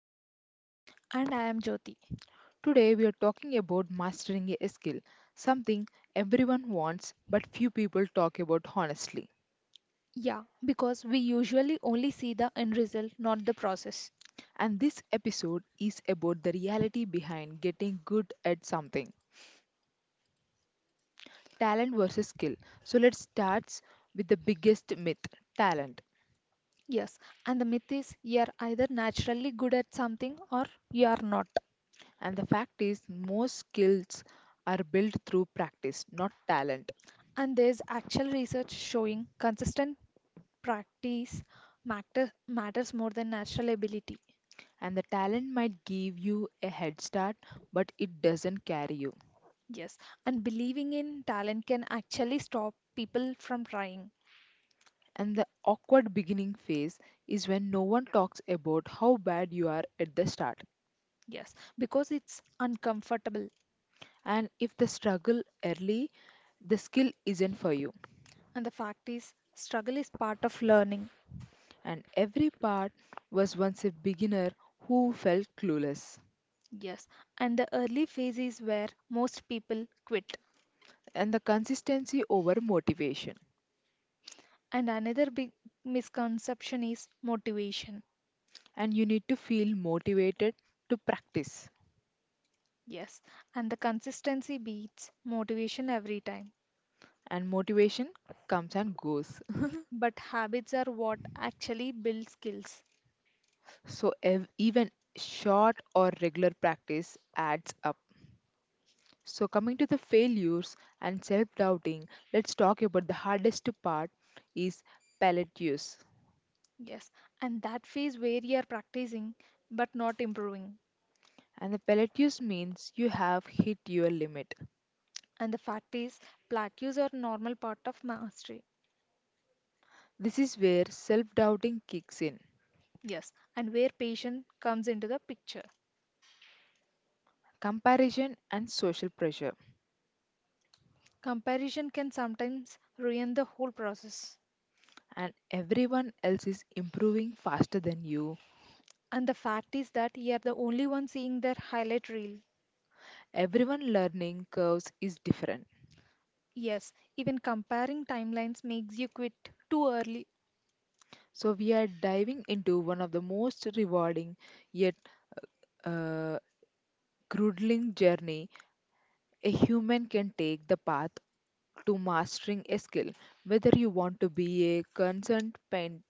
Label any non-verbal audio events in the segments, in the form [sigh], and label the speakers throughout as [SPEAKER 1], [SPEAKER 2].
[SPEAKER 1] Divya.
[SPEAKER 2] And I am Jyoti.
[SPEAKER 1] Today we are talking about mastering a skill, something everyone wants but few people talk about honestly.
[SPEAKER 2] Yeah, because we usually only see the end result, not the process.
[SPEAKER 1] And this episode is about the reality behind getting good at something, talent versus skill. So let's start with the biggest myth, talent.
[SPEAKER 2] Yes, and the myth is you're either naturally good at something or you are not.
[SPEAKER 1] And the fact is, most skills are built through practice, not talent.
[SPEAKER 2] And there's actual research showing consistent practice matters more than natural ability.
[SPEAKER 1] And the talent might give you a head start, but it doesn't carry you.
[SPEAKER 2] Yes, and believing in talent can actually stop people from trying.
[SPEAKER 1] And the awkward beginning phase is when no one talks about how bad you are at the start.
[SPEAKER 2] Yes, because it's uncomfortable.
[SPEAKER 1] And if the struggle early, the skill isn't for you.
[SPEAKER 2] And the fact is, struggle is part of learning.
[SPEAKER 1] And every part was once a beginner who felt clueless.
[SPEAKER 2] Yes, and the early phase is where most people quit.
[SPEAKER 1] And the consistency over motivation.
[SPEAKER 2] And another big misconception is motivation.
[SPEAKER 1] And you need to feel motivated to practice.
[SPEAKER 2] Yes, and the consistency beats motivation every time.
[SPEAKER 1] And motivation comes and goes. [laughs]
[SPEAKER 2] But habits are what actually build skills.
[SPEAKER 1] So even short or regular practice adds up. So, coming to the failures and self doubting, let's talk about the hardest part is palate.
[SPEAKER 2] Yes, and that phase where you are practicing but not improving.
[SPEAKER 1] And the palate means you have hit your limit.
[SPEAKER 2] And the fact is, plateaus are normal part of mastery.
[SPEAKER 1] This is where self doubting kicks in.
[SPEAKER 2] Yes, and where patience comes into the picture.
[SPEAKER 1] Comparison and social pressure,
[SPEAKER 2] Comparison can sometimes ruin the whole process.
[SPEAKER 1] and everyone else is improving faster than you.
[SPEAKER 2] And the fact is that you're the only one seeing their highlight reel.
[SPEAKER 1] Everyone learning curves is different.
[SPEAKER 2] Yes, even comparing timelines makes you quit too early.
[SPEAKER 1] So, we are diving into one of the most rewarding yet uh, grueling journey a human can take the path to mastering a skill. Whether you want to be a concerned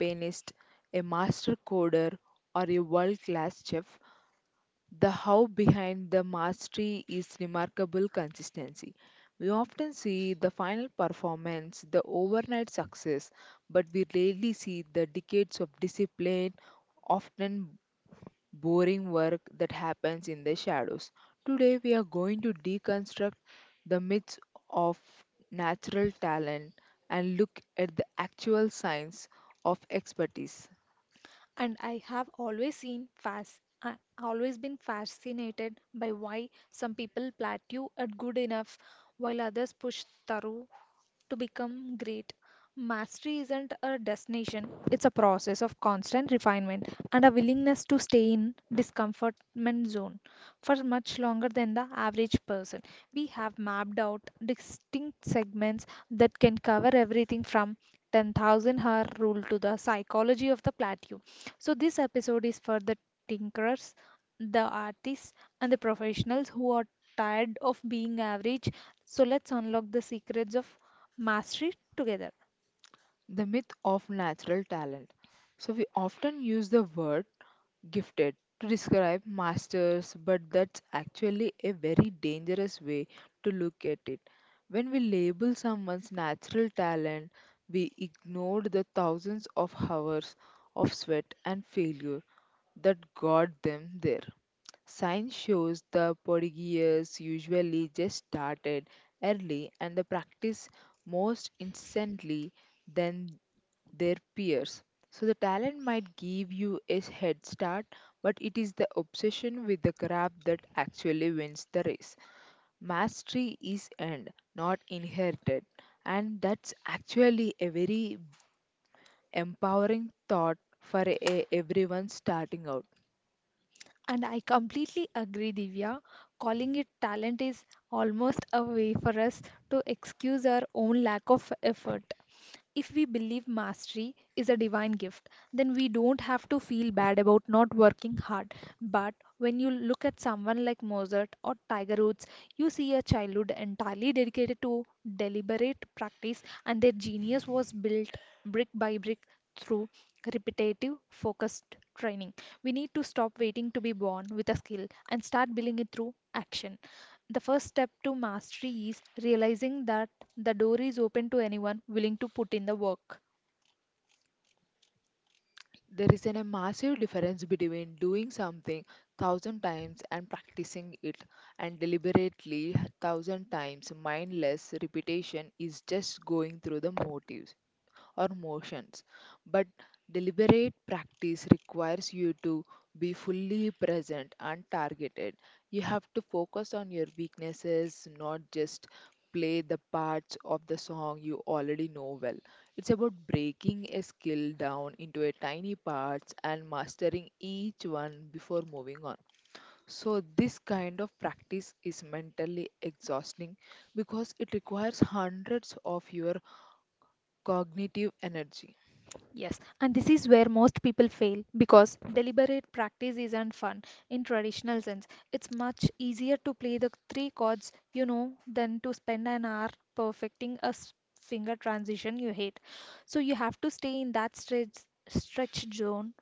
[SPEAKER 1] pianist, a master coder, or a world class chef, the how behind the mastery is remarkable consistency. We often see the final performance, the overnight success, but we rarely see the decades of discipline, often boring work that happens in the shadows. Today, we are going to deconstruct the myths of natural talent and look at the actual science of expertise.
[SPEAKER 2] And I have always seen fast, I always been fascinated by why some people plateau at good enough while others push through to become great. Mastery isn't a destination, it's a process of constant refinement and a willingness to stay in discomfortment zone for much longer than the average person. We have mapped out distinct segments that can cover everything from 10,000 hour rule to the psychology of the plateau. So this episode is for the tinkerers, the artists and the professionals who are tired of being average. So let's unlock the secrets of mastery together.
[SPEAKER 1] The myth of natural talent. So, we often use the word gifted to describe masters, but that's actually a very dangerous way to look at it. When we label someone's natural talent, we ignore the thousands of hours of sweat and failure that got them there. Science shows the prodigies usually just started early and the practice most instantly, then their peers. So the talent might give you a head start, but it is the obsession with the craft that actually wins the race. Mastery is earned, not inherited, and that's actually a very empowering thought for a, everyone starting out.
[SPEAKER 2] And I completely agree, Divya. Calling it talent is almost a way for us to excuse our own lack of effort. If we believe mastery is a divine gift, then we don't have to feel bad about not working hard. But when you look at someone like Mozart or Tiger Woods, you see a childhood entirely dedicated to deliberate practice, and their genius was built brick by brick through repetitive, focused training. We need to stop waiting to be born with a skill and start building it through action. The first step to mastery is realizing that the door is open to anyone willing to put in the work.
[SPEAKER 1] There is an, a massive difference between doing something thousand times and practicing it and deliberately thousand times, mindless repetition is just going through the motives or motions. But deliberate practice requires you to be fully present and targeted. You have to focus on your weaknesses, not just play the parts of the song you already know well. It's about breaking a skill down into a tiny parts and mastering each one before moving on. So, this kind of practice is mentally exhausting because it requires hundreds of your cognitive energy.
[SPEAKER 2] Yes, and this is where most people fail because deliberate practice isn't fun in traditional sense. It's much easier to play the three chords you know than to spend an hour perfecting a finger transition you hate. So you have to stay in that stretch zone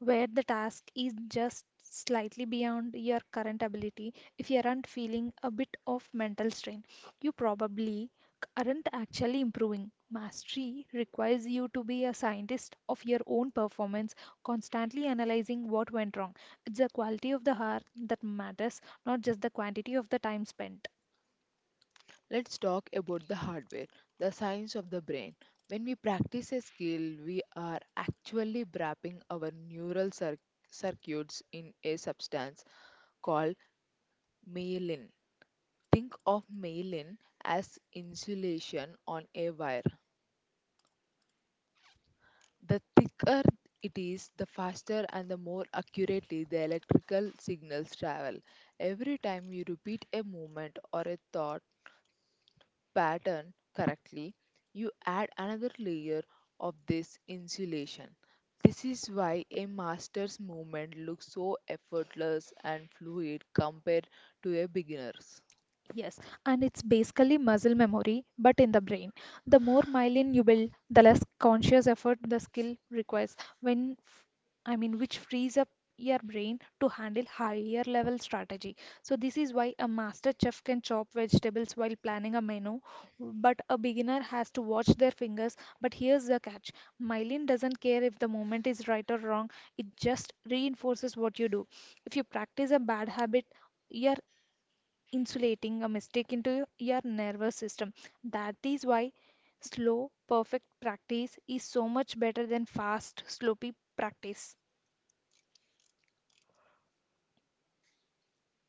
[SPEAKER 2] where the task is just slightly beyond your current ability. If you aren't feeling a bit of mental strain, you probably aren't actually improving. Mastery requires you to be a scientist of your own performance, constantly analyzing what went wrong. It's the quality of the hour that matters, not just the quantity of the time spent.
[SPEAKER 1] Let's talk about the hardware, the science of the brain. When we practice a skill, we are actually wrapping our circuits in a substance called myelin. Think of myelin as insulation on a wire. The thicker it is, the faster and the more accurately the electrical signals travel. Every time you repeat a movement or a thought, pattern correctly, you add another layer of this insulation. This is why a master's movement looks so effortless and fluid compared to a beginner's.
[SPEAKER 2] Yes, and it's basically muscle memory, but in the brain. The more myelin you build, the less conscious effort the skill requires. When, f- I mean, Which frees up your brain to handle higher level strategy. So this is why a master chef can chop vegetables while planning a menu, but a beginner has to watch their fingers. But here's the catch: myelin doesn't care if the moment is right or wrong. It just reinforces what you do. If you practice a bad habit, your insulating a mistake into your nervous system. That is why slow, perfect practice is so much better than fast, sloppy practice.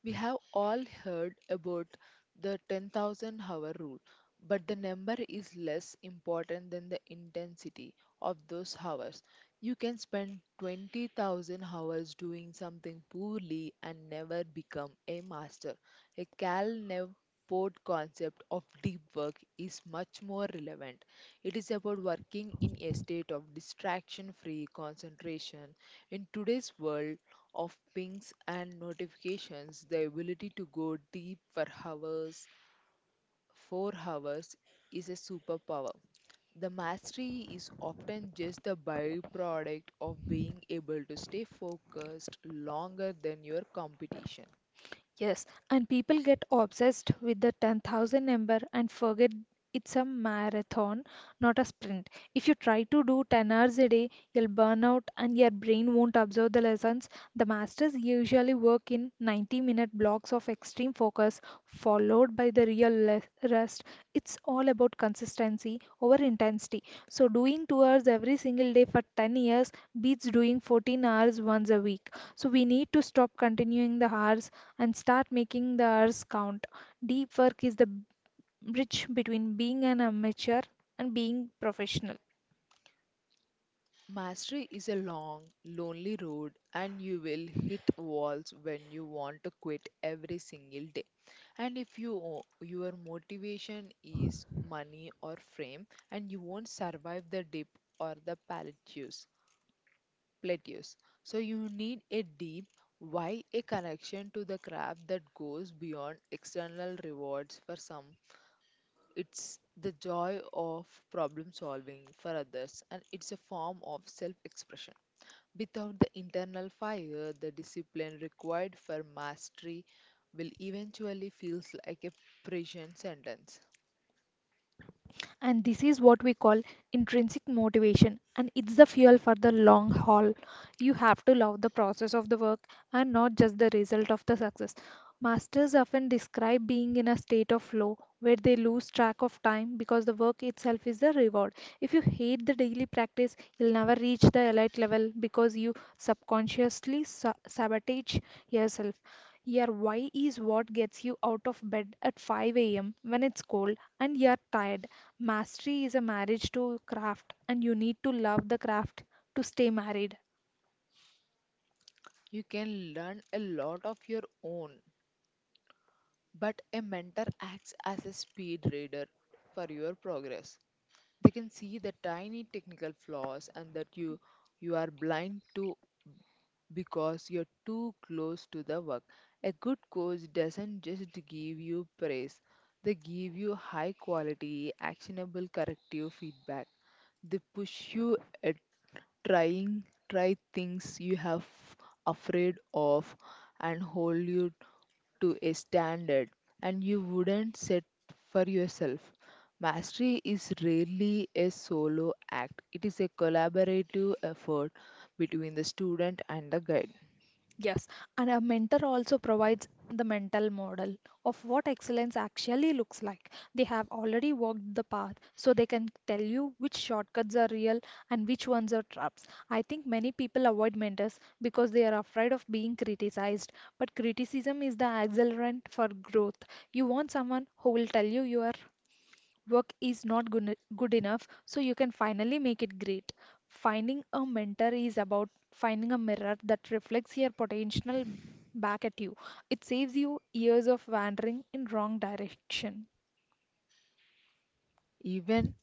[SPEAKER 1] We have all heard about the 10,000 hour rule, but the number is less important than the intensity of those hours. You can spend 20,000 hours doing something poorly and never become a master. A Cal Nev Port concept of deep work is much more relevant. It is about working in a state of distraction free concentration. In today's world, of pings and notifications, the ability to go deep for hours, 4 hours, is a superpower. The mastery is often just the byproduct of being able to stay focused longer than your competition.
[SPEAKER 2] Yes, and people get obsessed with the 10,000 number and forget it's a marathon, not a sprint. If you try to do 10 hours a day, you'll burn out and your brain won't absorb the lessons. The masters usually work in 90-minute blocks of extreme focus, followed by the rest. It's all about consistency over intensity. So, doing 2 hours every single day for 10 years beats doing 14 hours once a week. So, we need to stop continuing the hours and start making the hours count. Deep work is the bridge between being an amateur and being professional.
[SPEAKER 1] Mastery is a long, lonely road, and you will hit walls when you want to quit every single day. And if you your motivation is money or fame, and you won't survive the dip or the plateaus, plateaus. So you need a deep why, a connection to the craft that goes beyond external rewards for some. It's the joy of problem solving for others, and it's a form of self expression. Without the internal fire, the discipline required for mastery will eventually feel like a prison sentence.
[SPEAKER 2] And this is what we call intrinsic motivation, and it's the fuel for the long haul. You have to love the process of the work and not just the result of the success. Masters often describe being in a state of flow where they lose track of time because the work itself is the reward. If you hate the daily practice, you'll never reach the elite level because you subconsciously sabotage yourself. Your why is what gets you out of bed at 5 a.m. when it's cold and you're tired. Mastery is a marriage to craft, and you need to love the craft to stay married.
[SPEAKER 1] You can learn a lot of your own, but a mentor acts as a speed reader for your progress. They can see the tiny technical flaws and that you are blind to because you're too close to the work. A good coach doesn't just give you praise, they give you high quality, actionable corrective feedback. They push you at trying, try things you have afraid of and hold you to a standard and you wouldn't set for yourself. Mastery is rarely a solo act, it is a collaborative effort between the student and the guide.
[SPEAKER 2] Yes, and a mentor also provides the mental model of what excellence actually looks like. They have already walked the path, so they can tell you which shortcuts are real and which ones are traps. I think many people avoid mentors because they are afraid of being criticized, but criticism is the accelerant for growth. You want someone who will tell you you are work is not good enough, so you can finally make it great. Finding a mentor is about finding a mirror that reflects your potential back at you. It saves you years of wandering in wrong direction.
[SPEAKER 1] Even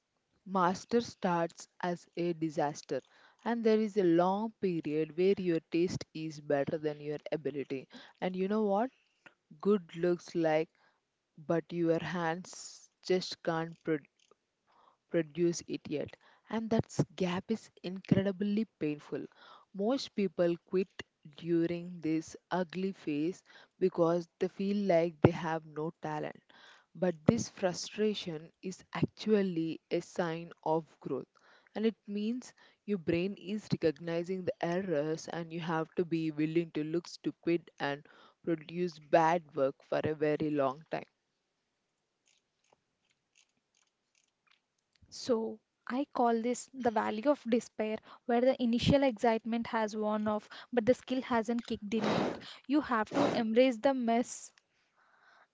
[SPEAKER 1] master starts as a disaster, and there is a long period where your taste is better than your ability. And you know what? Good looks like, but your hands just can't produce it yet. And that gap is incredibly painful. Most people quit during this ugly phase because they feel like they have no talent. But this frustration is actually a sign of growth. And it means your brain is recognizing the errors, and you have to be willing to look stupid and produce bad work for a very long
[SPEAKER 2] So, I call this the valley of despair, where the initial excitement has worn off, but the skill hasn't kicked in yet.
[SPEAKER 1] time.
[SPEAKER 2] You have to
[SPEAKER 1] [sighs]
[SPEAKER 2] embrace the mess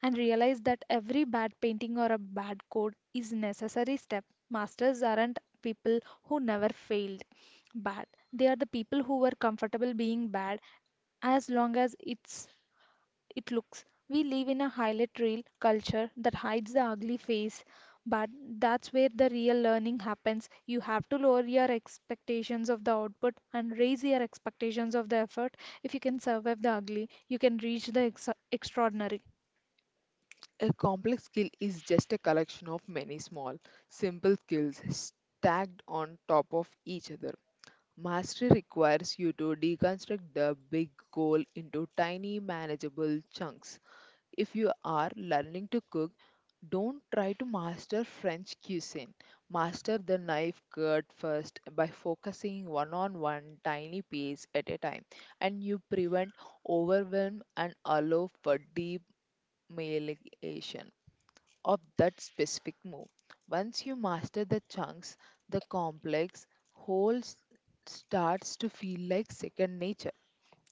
[SPEAKER 2] and realize that every bad painting or a bad code is necessary step. Masters aren't people who never failed bad. They are the people who were comfortable being bad as long as it's it looks. We live in a highlight reel culture that hides the ugly face, but that's where the real learning happens. You have to lower your expectations of the output and raise your expectations of the effort. If you can survive the ugly, you can reach the extraordinary.
[SPEAKER 1] A complex skill is just a collection of many small, simple skills stacked on top of each other. Mastery requires you to deconstruct the big goal into tiny, manageable chunks. If you are learning to cook, don't try to master French cuisine. Master the knife cut first by focusing one on one tiny piece at a time, and you prevent overwhelm and allow for deep marination of that specific move. Once you master the chunks, the starts to feel like second nature.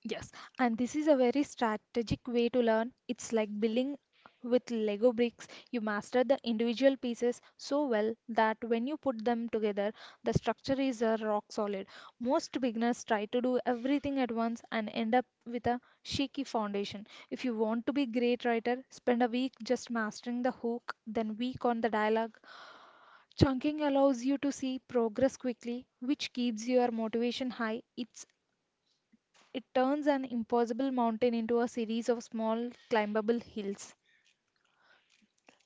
[SPEAKER 2] Yes, and this is a very strategic way to learn. It's like building with Lego bricks. You master the individual pieces so well that when you put them together, the structure is rock solid. Most beginners try to do everything at once and end up with a shaky foundation. If you want to be great writer, spend a week just mastering the hook, then week on the dialogue. Chunking allows you to see progress quickly, which keeps your motivation high. It turns an impossible mountain into a series of small climbable hills.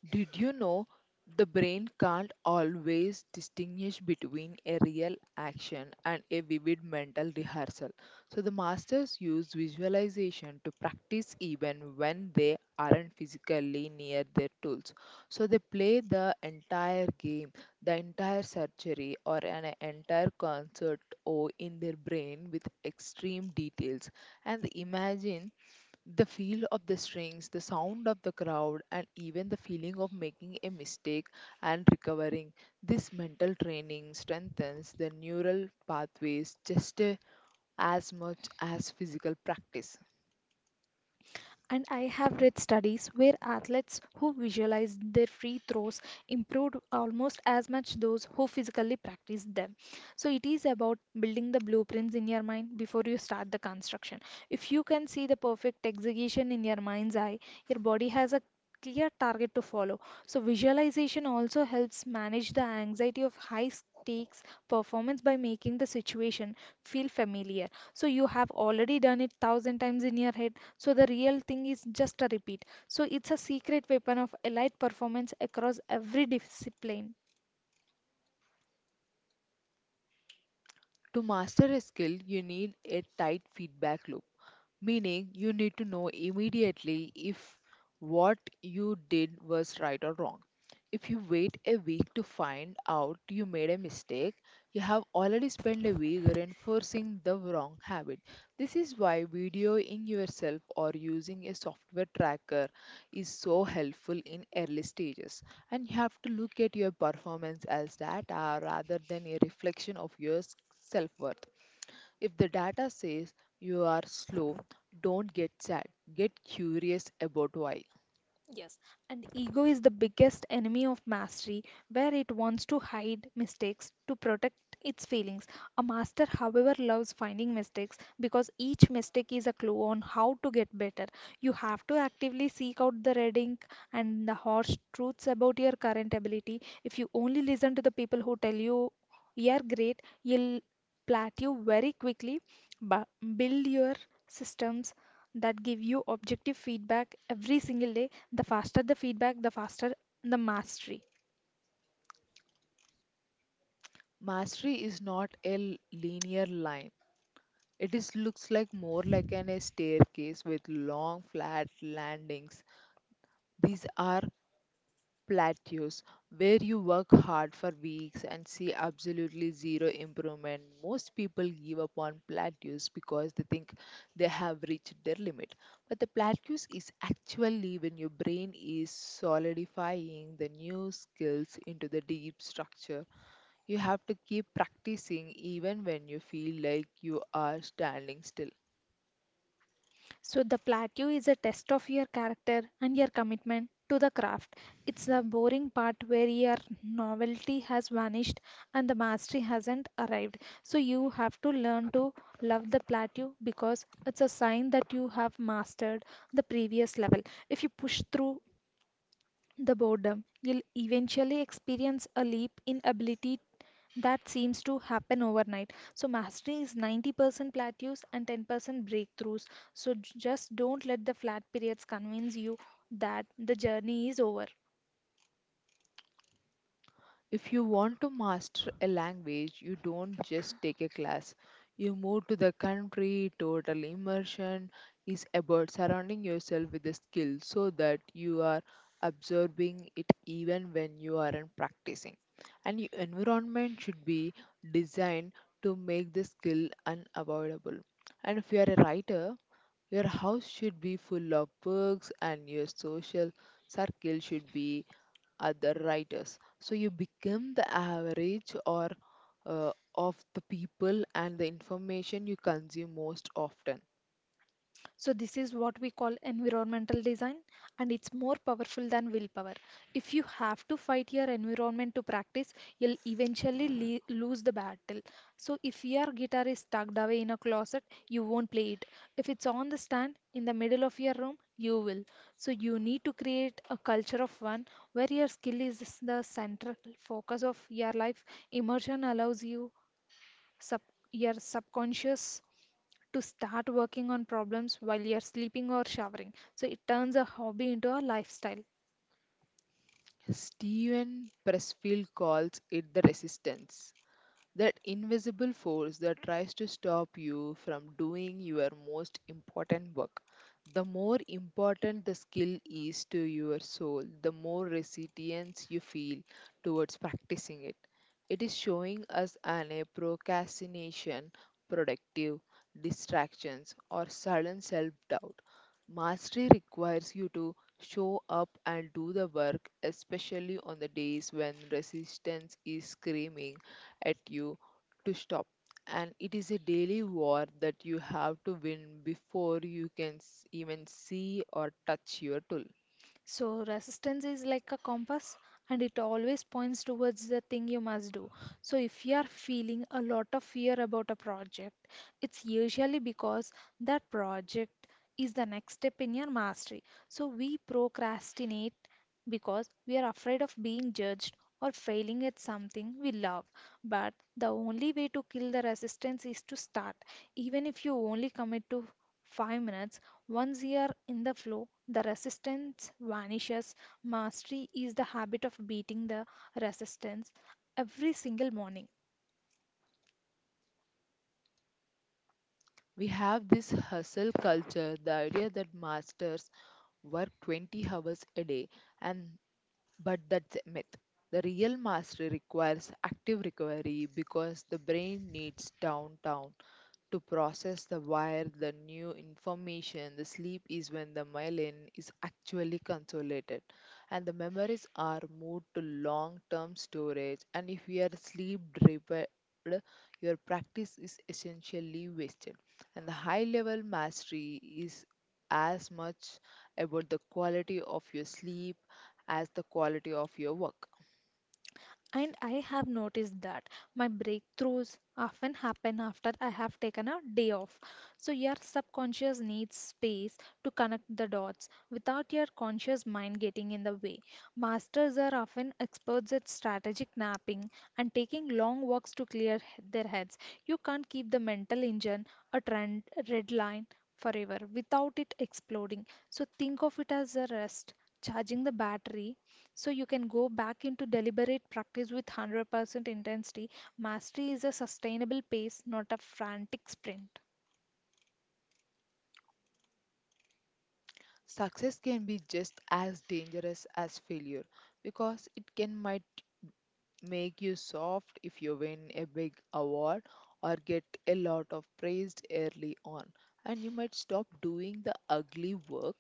[SPEAKER 1] Did you know the brain can't always distinguish between a real action and a vivid mental rehearsal? So, the masters use visualization to practice even when they aren't physically near their tools. So, they play the entire game, the entire surgery, or an entire concert or in their brain with extreme details and they imagine the feel of the strings, the sound of the crowd, and even the feeling of making a mistake and recovering. This mental training strengthens the neural pathways just as much as physical practice.
[SPEAKER 2] And I have read studies where athletes who visualized their free throws improved almost as much those who physically practiced them. So it is about building the blueprints in your mind before you start the construction. If you can see the perfect execution in your mind's eye, your body has a clear target to follow. So visualization also helps manage the anxiety of high stakes performance by making the situation feel familiar. So you have already done it thousand times in your head so the real thing is just a repeat. So it's a secret weapon of elite performance across every discipline.
[SPEAKER 1] To master a skill, you need a tight feedback loop, meaning you need to know immediately if what you did was right or wrong. If you wait a week to find out you made a mistake, you have already spent a week reinforcing the wrong habit. This is why videoing yourself or using a software tracker is so helpful in early stages. And you have to look at your performance as data rather than a reflection of your self worth. If the data says you are slow, don't get sad. Get curious about why.
[SPEAKER 2] Yes, and ego is the biggest enemy of mastery, where it wants to hide mistakes to protect its feelings. A master, however, loves finding mistakes because each mistake is a clue on how to get better. You have to actively seek out the red ink and the harsh truths about your current ability. If you only listen to the people who tell you you're great, you'll plateau very quickly. But build your systems that give you objective feedback every single day. The faster the feedback, the faster the mastery.
[SPEAKER 1] Mastery is not a linear line. It is looks like more like an a staircase with long flat landings. These are plateaus where you work hard for weeks and see absolutely zero improvement. Most people give up on plateaus because they think they have reached their limit. But the plateaus is actually when your brain is solidifying the new skills into the deep structure. You have to keep practicing even when you feel like you are standing still.
[SPEAKER 2] So the plateau is a test of your character and your commitment to the craft. It's the boring part where your novelty has vanished and the mastery hasn't arrived. So you have to learn to love the plateau because it's a sign that you have mastered the previous level. If you push through the boredom, you'll eventually experience a leap in ability that seems to happen overnight. So, mastery is 90% plateaus and 10% breakthroughs. So, just don't let the flat periods convince you that the journey is over.
[SPEAKER 1] If you want to master a language, you don't just take a class. You move to the country, total immersion is about surrounding yourself with the skill so that you are absorbing it even when you aren't practicing. And your environment should be designed to make the skill unavoidable. And if you are a writer, your house should be full of books and your social circle should be other writers. So you become the average or of the people and the information you consume most often.
[SPEAKER 2] So, this is what we call environmental design, and it's more powerful than willpower. If you have to fight your environment to practice, you'll eventually lose the battle. So, if your guitar is tucked away in a closet, you won't play it. If it's on the stand in the middle of your room, you will. So, you need to create a culture of one where your skill is the central focus of your life. Immersion allows you sub- your subconscious to start working on problems while you're sleeping or showering. So it turns a hobby into a lifestyle.
[SPEAKER 1] Steven Pressfield calls it the resistance, that invisible force that tries to stop you from doing your most important work. The more important the skill is to your soul, the more resilience you feel towards practicing it. It is showing us an a procrastination, productive distractions, or sudden self doubt. Mastery requires you to show up and do the work, especially on the days when resistance is screaming at you to stop. And it is a daily war that you have to win before you can even see or touch your tool.
[SPEAKER 2] So resistance is like a compass and it always points towards the thing you must do. So if you are feeling a lot of fear about a project, it's usually because that project is the next step in your mastery. So we procrastinate because we are afraid of being judged or failing at something we love. But the only way to kill the resistance is to start. Even if you only commit to 5 minutes, once you are in the flow, the resistance vanishes. Mastery is the habit of beating the resistance every single morning.
[SPEAKER 1] We have this hustle culture, the idea that masters work 20 hours a day, and but that's a myth. The real mastery requires active recovery because the brain needs downtime to process the wire, the new information. The sleep is when the myelin is actually consolidated and the memories are moved to long term storage. And if you are sleep deprived, your practice is essentially wasted. And the high level mastery is as much about the quality of your sleep as the quality of your work.
[SPEAKER 2] And I have noticed that my breakthroughs often happen after I have taken a day off. So your subconscious needs space to connect the dots without your conscious mind getting in the way. Masters are often experts at strategic napping and taking long walks to clear their heads. You can't keep the mental engine a trend red line forever without it exploding. So think of it as a rest, charging the battery so you can go back into deliberate practice with 100% intensity. Mastery is a sustainable pace, not a frantic sprint.
[SPEAKER 1] Success can be just as dangerous as failure because it can might make you soft if you win a big award or get a lot of praise early on. And you might stop doing the ugly work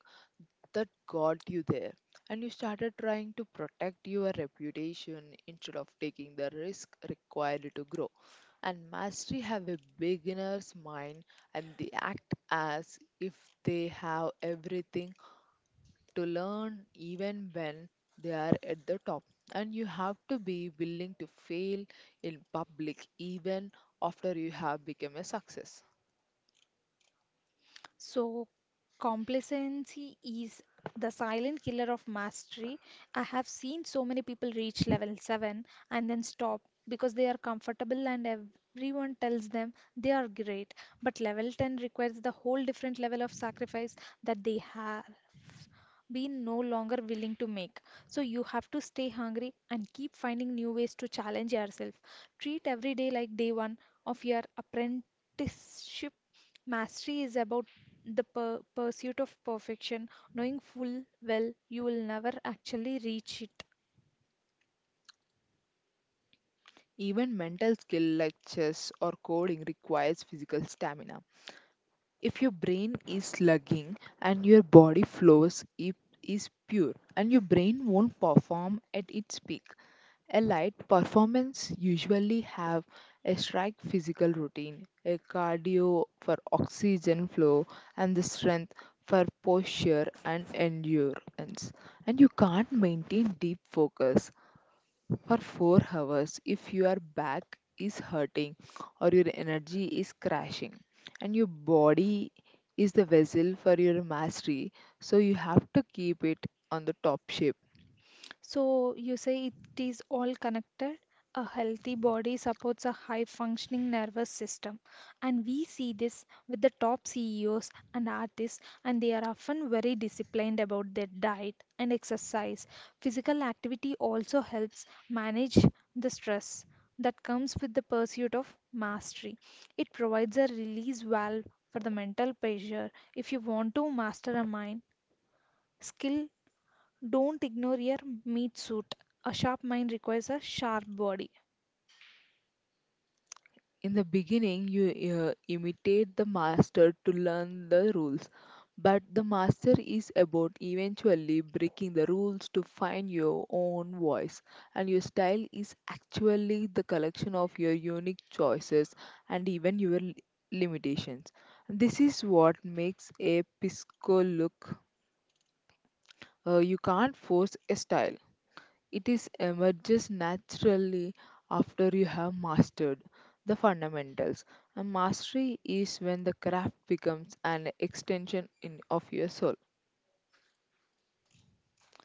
[SPEAKER 1] that got you there. And you started trying to protect your reputation instead of taking the risk required to grow. And mastery have a beginner's mind and they act as if they have everything to learn even when they are at the top. And you have to be willing to fail in public even after you have become a success.
[SPEAKER 2] So, complacency is the silent killer of mastery. I have seen so many people reach level 7 and then stop because they are comfortable and everyone tells them they are great. But level 10 requires the whole different level of sacrifice that they have been no longer willing to make. So you have to stay hungry and keep finding new ways to challenge yourself. Treat every day like day one of your apprenticeship. Mastery is about the per pursuit of perfection, knowing full well you will never actually reach it.
[SPEAKER 1] Even mental skill like chess or coding requires physical stamina. If your brain is slugging and your body flows, it is pure, and your brain won't perform at its peak. A light performance usually have a strict physical routine, a cardio for oxygen flow and the strength for posture and endurance. And you can't maintain deep focus for 4 hours if your back is hurting or your energy is crashing and your body is the vessel for your mastery, so you have to keep it on the top shape.
[SPEAKER 2] So you say it is all connected. A healthy body supports a high functioning nervous system. And we see this with the top CEOs and artists, and they are often very disciplined about their diet and exercise. Physical activity also helps manage the stress that comes with the pursuit of mastery. It provides a release valve for the mental pressure. If you want to master a mind, skill, don't ignore your meat suit. A sharp mind requires a sharp body.
[SPEAKER 1] In the beginning, you imitate the master to learn the rules, but the master is about eventually breaking the rules to find your own voice. And your style is actually the collection of your unique choices and even your limitations. This is what makes a pisco look. You can't force a style, it is emerges naturally after you have mastered the fundamentals. And mastery is when the craft becomes an extension in, of your soul.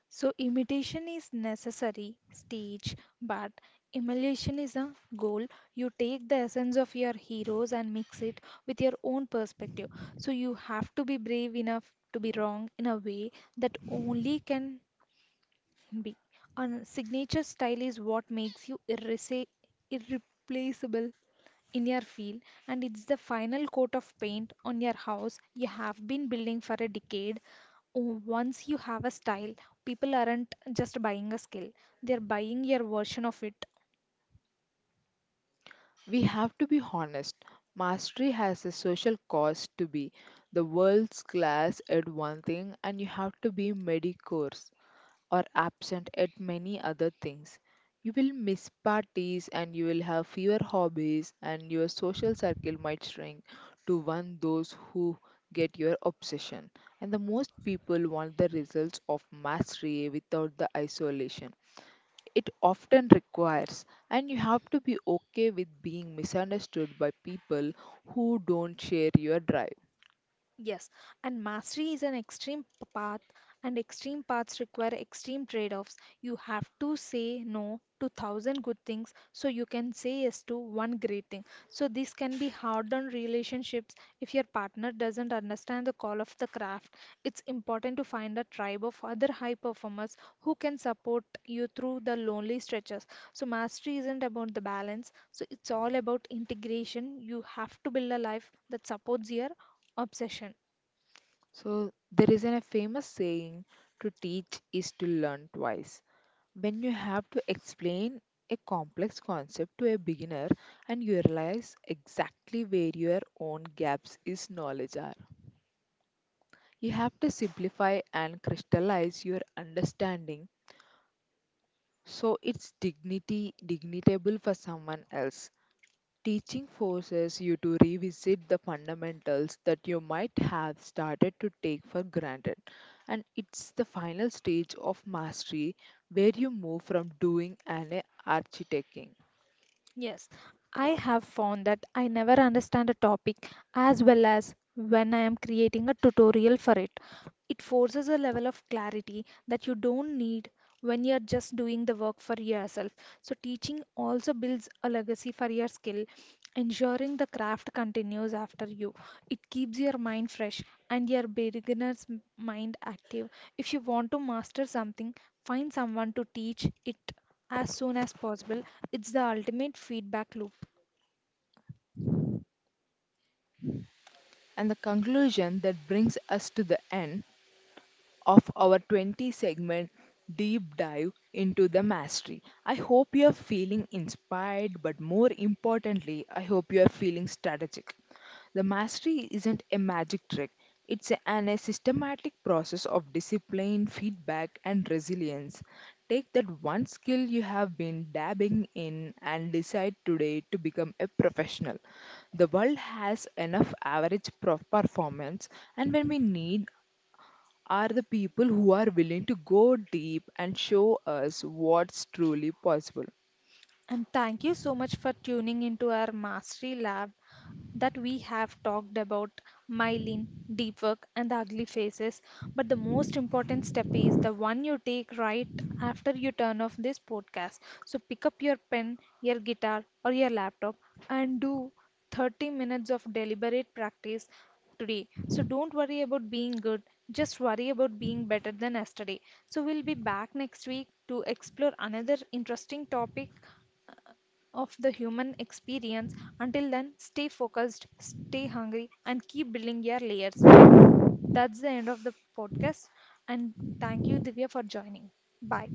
[SPEAKER 2] So, imitation is necessary stage, but emulation is a goal. You take the essence of your heroes and mix it with your own perspective. So, you have to be brave enough to be wrong in a way that only can be. A signature style is what makes you irreplaceable in your field, and it's the final coat of paint on your house you have been building for a decade. Oh, once you have a style, people aren't just buying a skill, they're buying your version of it.
[SPEAKER 1] We have to be honest. Mastery has a social cost to be the world's class at one thing, and you have to be mediocre or absent at many other things. You will miss parties and you will have fewer hobbies, and your social circle might shrink to one those who get your obsession. And the most people want the results of mastery without the isolation. It often requires, and you have to be okay with being misunderstood by people who don't share your drive.
[SPEAKER 2] Yes, and mastery is an extreme path, and extreme paths require extreme trade-offs. You have to say no to thousand good things so you can say yes to one great thing. So this can be hard on relationships if your partner doesn't understand the call of the craft. It's important to find a tribe of other high performers who can support you through the lonely stretches. So mastery isn't about the balance, so it's all about integration. You have to build a life that supports your obsession.
[SPEAKER 1] So, there is a famous saying, to teach is to learn twice. When you have to explain a complex concept to a beginner and you realize exactly where your own gaps is knowledge are, you have to simplify and crystallize your understanding so it's dignity dignitable for someone else. Teaching forces you to revisit the fundamentals that you might have started to take for granted, and it's the final stage of mastery where you move from doing and architecting.
[SPEAKER 2] Yes, I have found that I never understand a topic as well as when I am creating a tutorial for it. It forces a level of clarity that you don't need when you're just doing the work for yourself. So, teaching also builds a legacy for your skill, ensuring the craft continues after you. It keeps your mind fresh and your mind active. If you want to master something, find someone to teach it as soon as possible. It's the ultimate feedback loop.
[SPEAKER 1] And the conclusion that brings us to the end of our 20 segment deep dive into the mastery. I hope you are feeling inspired, but more importantly, I hope you are feeling strategic. The mastery isn't a magic trick. It's a- an a systematic process of discipline, feedback, and resilience. Take that one skill you have been dabbing in and decide today to become a professional. The world has enough average performance, and when we need are the people who are willing to go deep and show us what's truly possible.
[SPEAKER 2] And thank you so much for tuning into our Mastery Lab, that we have talked about myelin, deep work, and the ugly faces. But the most important step is the one you take right after you turn off this podcast. So pick up your pen, your guitar, or your laptop and do 30 minutes of deliberate practice today. So don't worry about being good, just worry about being better than yesterday. So we'll be back next week to explore another interesting topic of the human experience. Until then, stay focused, stay hungry, and keep building your layers. That's the end of the podcast. And thank you, Divya, for joining. Bye.